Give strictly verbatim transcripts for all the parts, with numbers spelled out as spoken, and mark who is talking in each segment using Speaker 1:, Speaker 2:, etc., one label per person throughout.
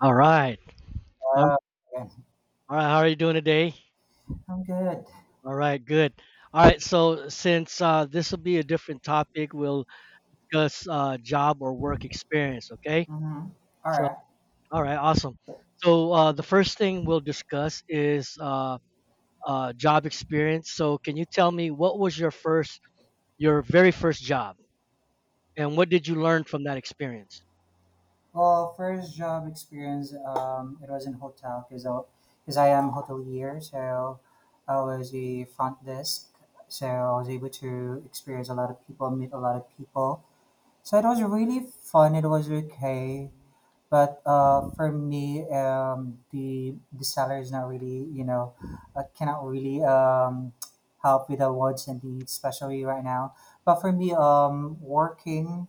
Speaker 1: All right. All
Speaker 2: Uh, okay.
Speaker 1: all right. How are you doing today?
Speaker 2: I'm good.
Speaker 1: All right. Good. All right. So, since uh, this will be a different topic, we'll discuss uh, job or work experience. Okay.
Speaker 2: Mm-hmm. All
Speaker 1: So,
Speaker 2: right.
Speaker 1: all right. Awesome. So, uh, the first thing we'll discuss is uh, uh, job experience. So, can you tell me what was your first, your very first job, and what did you learn from that experience?
Speaker 2: Well, first job experience, um, it was in hotel because I, 'cause I am hotelier, so I was a front desk, so I was able to experience a lot of people, meet a lot of people. So it was really fun. It was okay. But uh, for me, um, the the seller is not really, you know, uh, cannot really um, help with the wants and needs, especially right now. But for me, um, working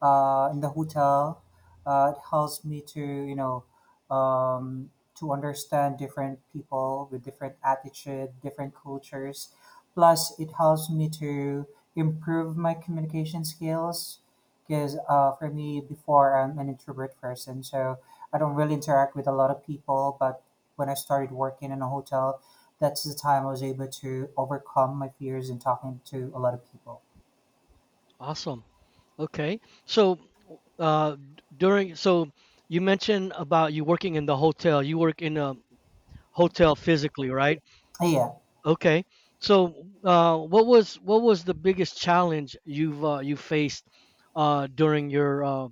Speaker 2: uh, in the hotel. Uh, it helps me to you know um, to understand different people with different attitude, different cultures. Plus, it helps me to improve my communication skills because uh, for me before I'm an introvert person, so I don't really interact with a lot of people. But when I started working in a hotel, that's the time I was able to overcome my fears in talking to a lot of people.
Speaker 1: Awesome. Okay. So, uh, d- during so you mentioned about you working in the hotel. You work in a hotel physically, right?
Speaker 2: Yeah.
Speaker 1: Okay. So, uh, what was what was the biggest challenge you've uh, you faced uh, during your uh,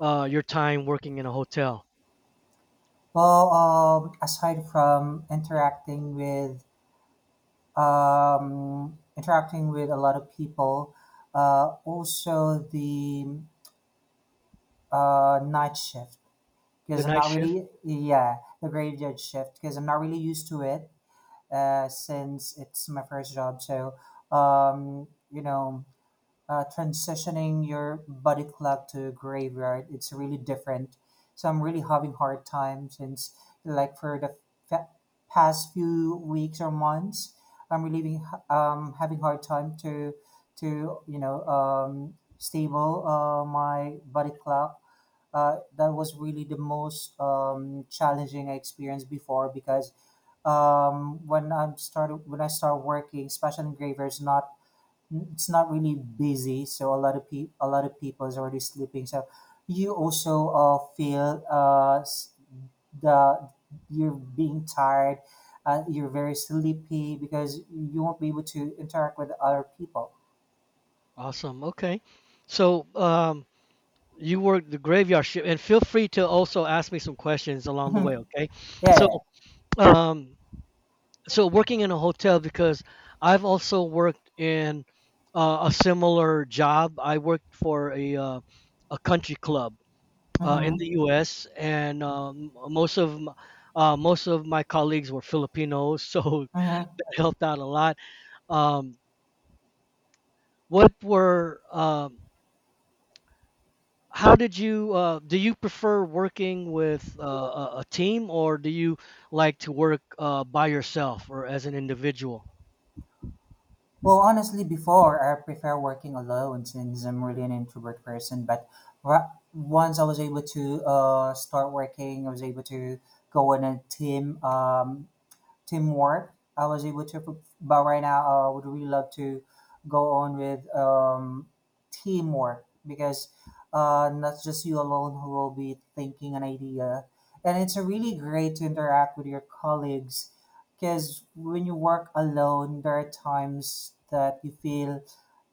Speaker 1: uh, your time working in a hotel?
Speaker 2: Well, um, aside from interacting with um, interacting with a lot of people, uh, also the uh, night shift
Speaker 1: The
Speaker 2: because I'm
Speaker 1: night
Speaker 2: not
Speaker 1: shift.
Speaker 2: really yeah the graveyard shift because I'm not really used to it uh, since it's my first job. So um, you know uh, transitioning your body clock to graveyard, it's really different, so I'm really having hard time since like for the fa- past few weeks or months, I'm really being, um, having hard time to to you know um, stable uh, my body clock. Uh, that was really the most um, challenging I experienced before because um, when I am started when I start working, especially in graveyards, not it's not really busy, so a lot of people a lot of people is already sleeping. So you also uh, feel uh, s- the you're being tired, uh, you're very sleepy because you won't be able to interact with other people.
Speaker 1: Awesome. Okay. So, um, you worked the graveyard shift, and feel free to also ask me some questions along the way.
Speaker 2: Mhm.
Speaker 1: Okay.
Speaker 2: Yeah.
Speaker 1: So,
Speaker 2: yeah,
Speaker 1: um, so working in a hotel because I've also worked in uh, a similar job. I worked for a uh, a country club
Speaker 2: yeah.
Speaker 1: uh, in
Speaker 2: Mm-hmm.
Speaker 1: the U S, and um, most of m- uh, most of my colleagues were Filipinos, so
Speaker 2: Mm-hmm.
Speaker 1: that helped out a lot. Um, what were um, How did you uh, do you prefer working with uh, a a team, or do you like to work uh, by yourself or as an individual?
Speaker 2: Well, honestly, before I prefer working alone since I'm really an introvert person. But ra- once I was able to uh, start working, I was able to go in a team, um, teamwork. I was able to, pro- But right now uh, I would really love to go on with um, teamwork because uh, not just you alone who will be thinking an idea. And it's really great to interact with your colleagues because when you work alone, there are times that you feel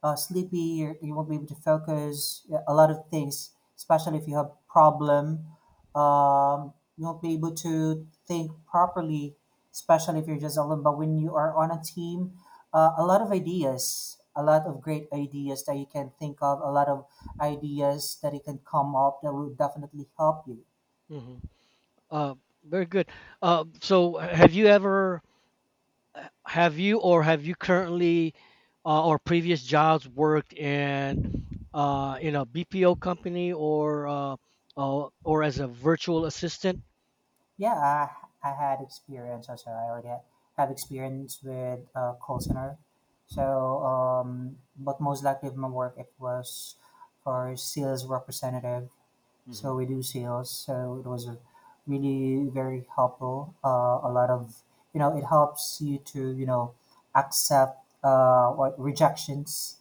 Speaker 2: uh, sleepy, you you won't be able to focus, yeah, a lot of things, especially if you have problem. Um, you won't be able to think properly, especially if you're just alone. But when you are on a team, uh, a lot of ideas, a lot of great ideas that you can think of, a lot of ideas that you can come up that will definitely help you.
Speaker 1: hmm Uh, Very good. Uh, so have you ever have you or have you currently uh, or previous jobs worked in uh, in a B P O company, or uh, uh, or as a virtual assistant?
Speaker 2: Yeah, I, I had experience also. I already ha- have experience with uh, call center. So, um, but most likely of my work, it was for sales representative,
Speaker 1: hmm
Speaker 2: so we do sales, so it was a really very helpful, uh, a lot of you know it helps you to you know accept uh, what rejections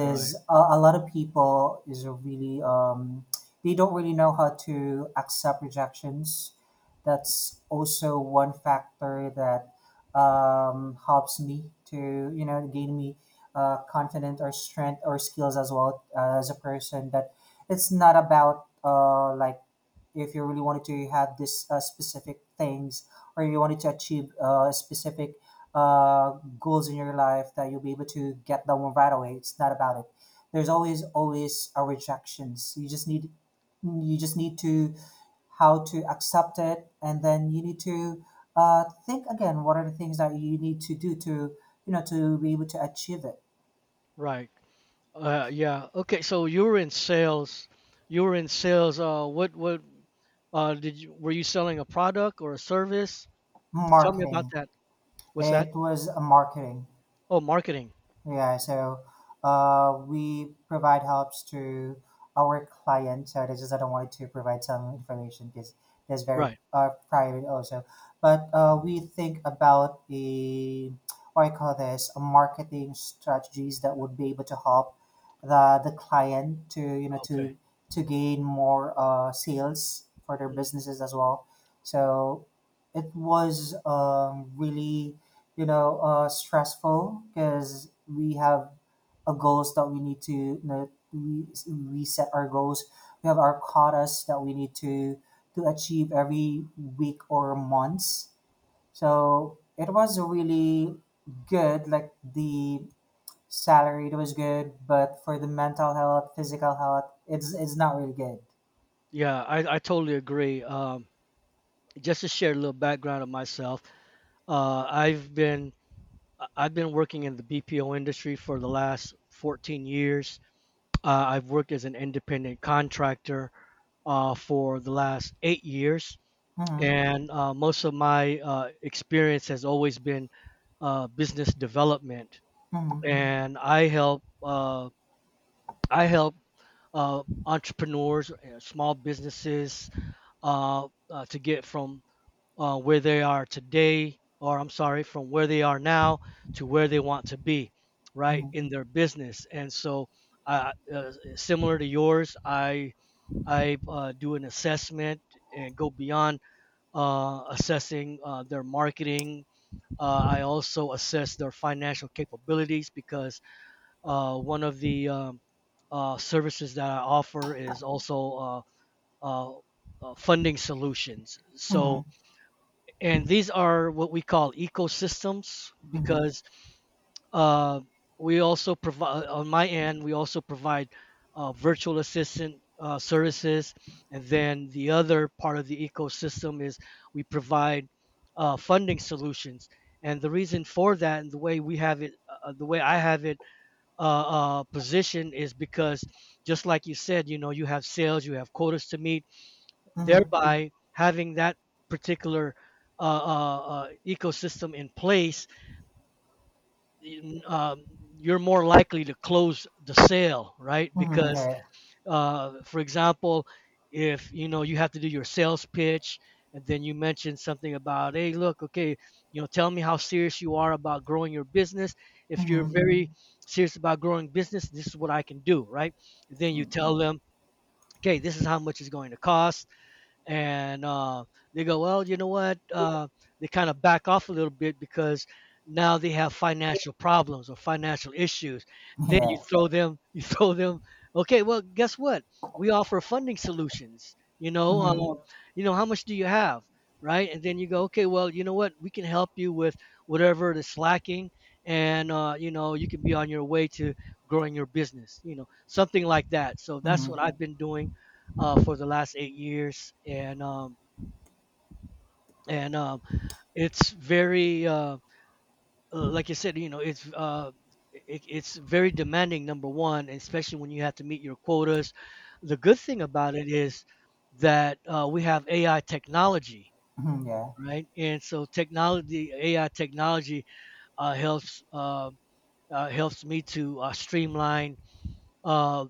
Speaker 1: Right.
Speaker 2: a, a lot of people is really um, they don't really know how to accept rejections. That's also one factor that um, helps me to you know gain me uh, confidence or strength or skills as well uh, as a person that it's not about uh, like if you really wanted to have this uh, specific things or you wanted to achieve uh, specific uh, goals in your life that you'll be able to get that one right away. It's not about it. There's always always a rejections. You just need you just need to how to accept it, and then you need to uh, think again. What are the things that you need to do to you know to be able to achieve it?
Speaker 1: Right. Uh, yeah. Okay. So you were in sales. You were in sales. Uh, what what uh, did you were you selling a product or a service? Tell me about
Speaker 2: Marketing.
Speaker 1: that. What's that?
Speaker 2: It was a marketing.
Speaker 1: Oh, marketing.
Speaker 2: Yeah, so uh, we provide helps to our clients. So this is I don't want to provide some information because that's very
Speaker 1: Right.
Speaker 2: uh, private also. But uh, we think about the what I call this a marketing strategies that would be able to help the the client to you know
Speaker 1: Okay.
Speaker 2: to to gain more uh, sales for their
Speaker 1: Mhm.
Speaker 2: businesses as well. So it was um, really you know uh, stressful because we have a goals that we need to, you know, we we set our goals, we have our quotas that we need to to achieve every week or months, so it was really good, like the salary it was good, but for the mental health, physical health, it's it's not really good.
Speaker 1: Yeah, I, I totally agree. Um, just to share a little background of myself, Uh, I've been I- have been working in the B P O industry for the last fourteen years. Uh, I've worked as an independent contractor uh, for the last eight years,
Speaker 2: Mm-hmm,
Speaker 1: and uh, most of my uh, experience has always been uh, business development.
Speaker 2: mm-hmm,
Speaker 1: And I help uh, I help uh, entrepreneurs, uh, small businesses uh, uh, to get from uh, where they are today, or I'm sorry, from where they are now to where they want to be, right,
Speaker 2: mm-hmm,
Speaker 1: in their business. And so, uh, uh, similar to yours, I I uh, do an assessment and go beyond uh, assessing uh, their marketing. Uh, I also assess their financial capabilities because uh, one of the um, uh, services that I offer is also uh, uh, uh, funding solutions. So, and these are what we call ecosystems
Speaker 2: mm-hmm,
Speaker 1: because uh, we also provide, on my end, we also provide uh, virtual assistant uh, services, and then the other part of the ecosystem is we provide uh, funding solutions. And the reason for that, and the way we have it, uh, the way I have it uh, uh, positioned is because, just like you said, you know, you have sales, you have quotas to meet,
Speaker 2: mm-hmm,
Speaker 1: thereby having that particular uh, uh, uh, ecosystem in place, um, you're more likely to close the sale, right?
Speaker 2: mm-hmm, mm-hmm,
Speaker 1: Because,
Speaker 2: yeah.
Speaker 1: uh, for example, if you know you have to do your sales pitch, and then you mention something about, hey, look, okay, you know, tell me how serious you are about growing your business. If you're
Speaker 2: Mm-hmm.
Speaker 1: very serious about growing business, this is what I can do, right? Then you tell them, okay, this is how much it's going to cost, and uh, they go, well, you know what? Uh, they kind of back off a little bit because now they have financial problems or financial issues.
Speaker 2: Mm-hmm,
Speaker 1: Then
Speaker 2: yeah.
Speaker 1: you throw them, you throw them. Okay, well, guess what? We offer funding solutions. You know,
Speaker 2: Mm-hmm.
Speaker 1: um, you know, how much do you have, right? And then you go, okay, well, you know what? We can help you with whatever is lacking, and uh, you know, you can be on your way to growing your business. You know, something like that. So that's what
Speaker 2: Mm-hmm.
Speaker 1: I've been doing uh, for the last eight years, and um, and um, it's very uh, uh, like I said, you know, it's uh, it, it's very demanding. Number one, especially when you have to meet your quotas. The good thing about it is that uh, we have A I technology,
Speaker 2: Mhm, yeah.
Speaker 1: right? And so technology, A I technology uh, helps. Uh, uh, helps me to uh, streamline uh,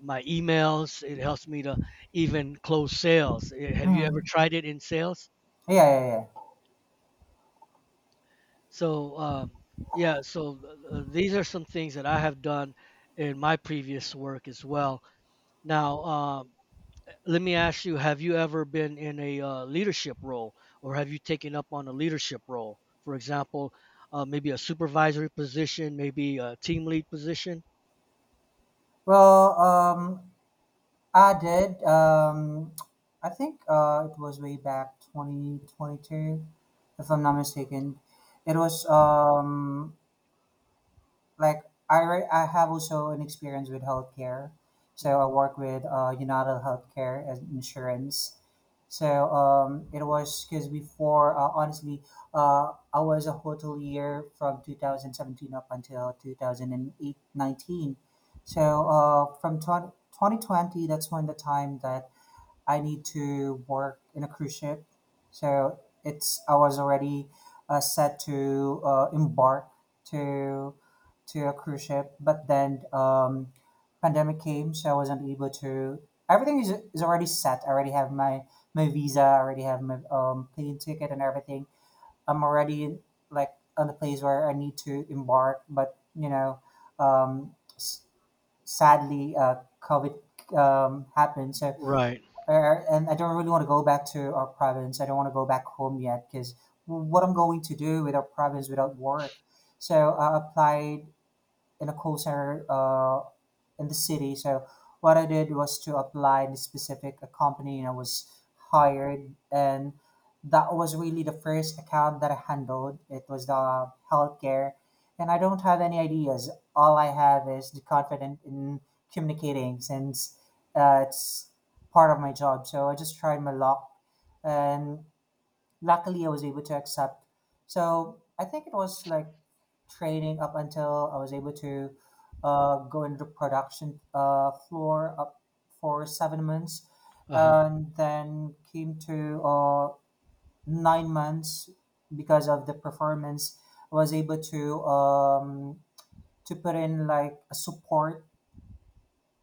Speaker 1: my emails. It helps me to even close sales. Eh, have you ever
Speaker 2: Hmm.
Speaker 1: tried it in sales?
Speaker 2: Yeah, yeah, yeah.
Speaker 1: So um, yeah, so uh, these are some things that I have done in my previous work as well. Now, um, let me ask you: have you ever been in a uh, leadership role, or have you taken up on a leadership role? For example, uh, maybe a supervisory position, maybe a team lead position.
Speaker 2: Well, um, I did. Um, I think uh, it was way back twenty twenty-two, if I'm not mistaken. It was um, like I, re- I have also an experience with healthcare. So I work with uh, United Healthcare as insurance. So um, it was because before, uh, honestly, uh, I was a hotelier from two thousand seventeen up until two thousand eight. So uh, from 20, two thousand twenty, that's when the time that I need to work in a cruise ship. So it's I was already uh, set to uh, embark to to a cruise ship, but then um, pandemic came, so I wasn't able to. Everything is, is already set. I already have my my visa. I already have my um, plane ticket and everything. I'm already like on the place where I need to embark, but you know, um, s- sadly, uh, COVID um, happened, so
Speaker 1: Right.
Speaker 2: uh, and I don't really want to go back to our province. I don't want to go back home yet because what I'm going to do without province, without work. So I applied in a call center uh, in the city. So what I did was to apply the specific uh, company and I was hired, and that was really the first account that I handled. It was the healthcare and I don't have any ideas. All I have is the confidence in communicating since uh, it's part of my job. So I just tried my luck and luckily I was able to accept. So I think it was like training up until I was able to uh, go into the production uh, floor up for seven months,
Speaker 1: Uh huh.
Speaker 2: and then came to uh, nine months because of the performance. I was able to um, to put in like a support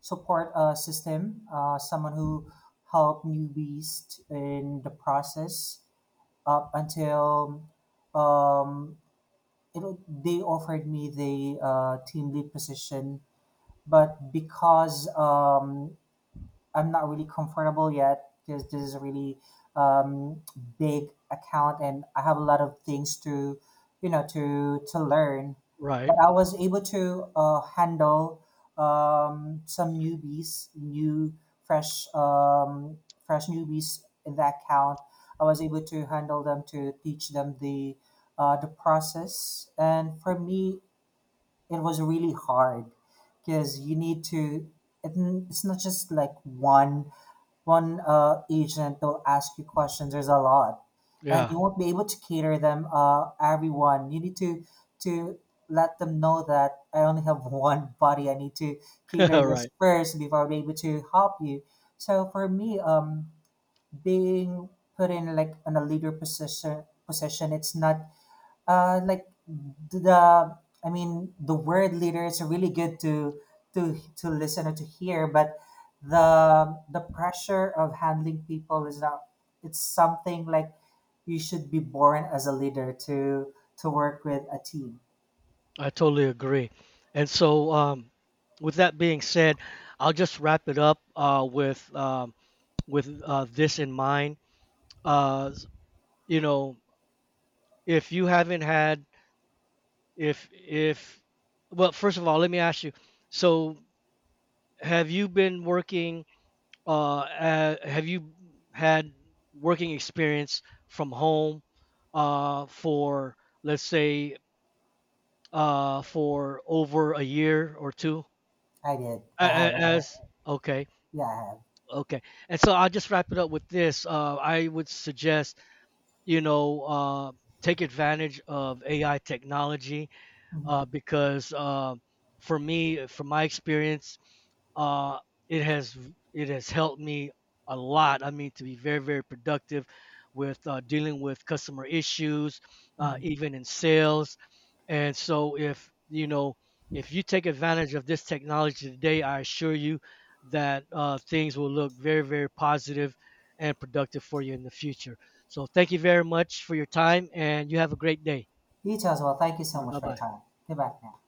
Speaker 2: support uh, system, uh, someone who helped newbies in the process up until um, it, wa- they offered me the uh, team lead position. But because um, I'm not really comfortable yet because this is a really um, big account and I have a lot of things to, you know, to to learn.
Speaker 1: Right.
Speaker 2: But I was able to uh, handle um, some newbies, new fresh um, fresh newbies in that account. I was able to handle them, to teach them the uh, the process. And for me, it was really hard because you need to it it's not just like one one uh, agent will ask you questions, there's a lot and
Speaker 1: Yeah.
Speaker 2: you won't be able to cater them, uh, everyone you need to to let them know that I only have one body, I need to cater this
Speaker 1: Right.
Speaker 2: first before I'm able to help you. So for me, um being put in like in a leader position position, it's not uh, like the I mean, the word leaders are really good to to to listen or to hear, but the the pressure of handling people is not, it's something like you should be born as a leader to to work with a team.
Speaker 1: I totally agree. And so, um, with that being said, I'll just wrap it up uh, with um, with uh, this in mind. Uh, you know, if you haven't had, if if, well, first of all, let me ask you. So, have you been working? Uh, uh have you had working experience from home uh, for, let's say, uh, for over a year or two?
Speaker 2: I did.
Speaker 1: A-
Speaker 2: I have.
Speaker 1: a- As okay,
Speaker 2: Yeah, I have.
Speaker 1: okay. And so I'll just wrap it up with this. Uh, I would suggest, you know, uh, take advantage of A I technology
Speaker 2: Hmm.
Speaker 1: uh, because uh, for me, from my experience, uh, it has it has helped me a lot. I mean, to be very, very productive with uh, dealing with customer issues, uh, even in sales. And so, if you know, if you take advantage of this technology today, I assure you that uh, things will look very, very positive and productive for you in the future. So, thank you very much for your time, and you have a great day.
Speaker 2: You too as well. Thank you so
Speaker 1: Bye
Speaker 2: much for your
Speaker 1: bye.
Speaker 2: time. Goodbye now.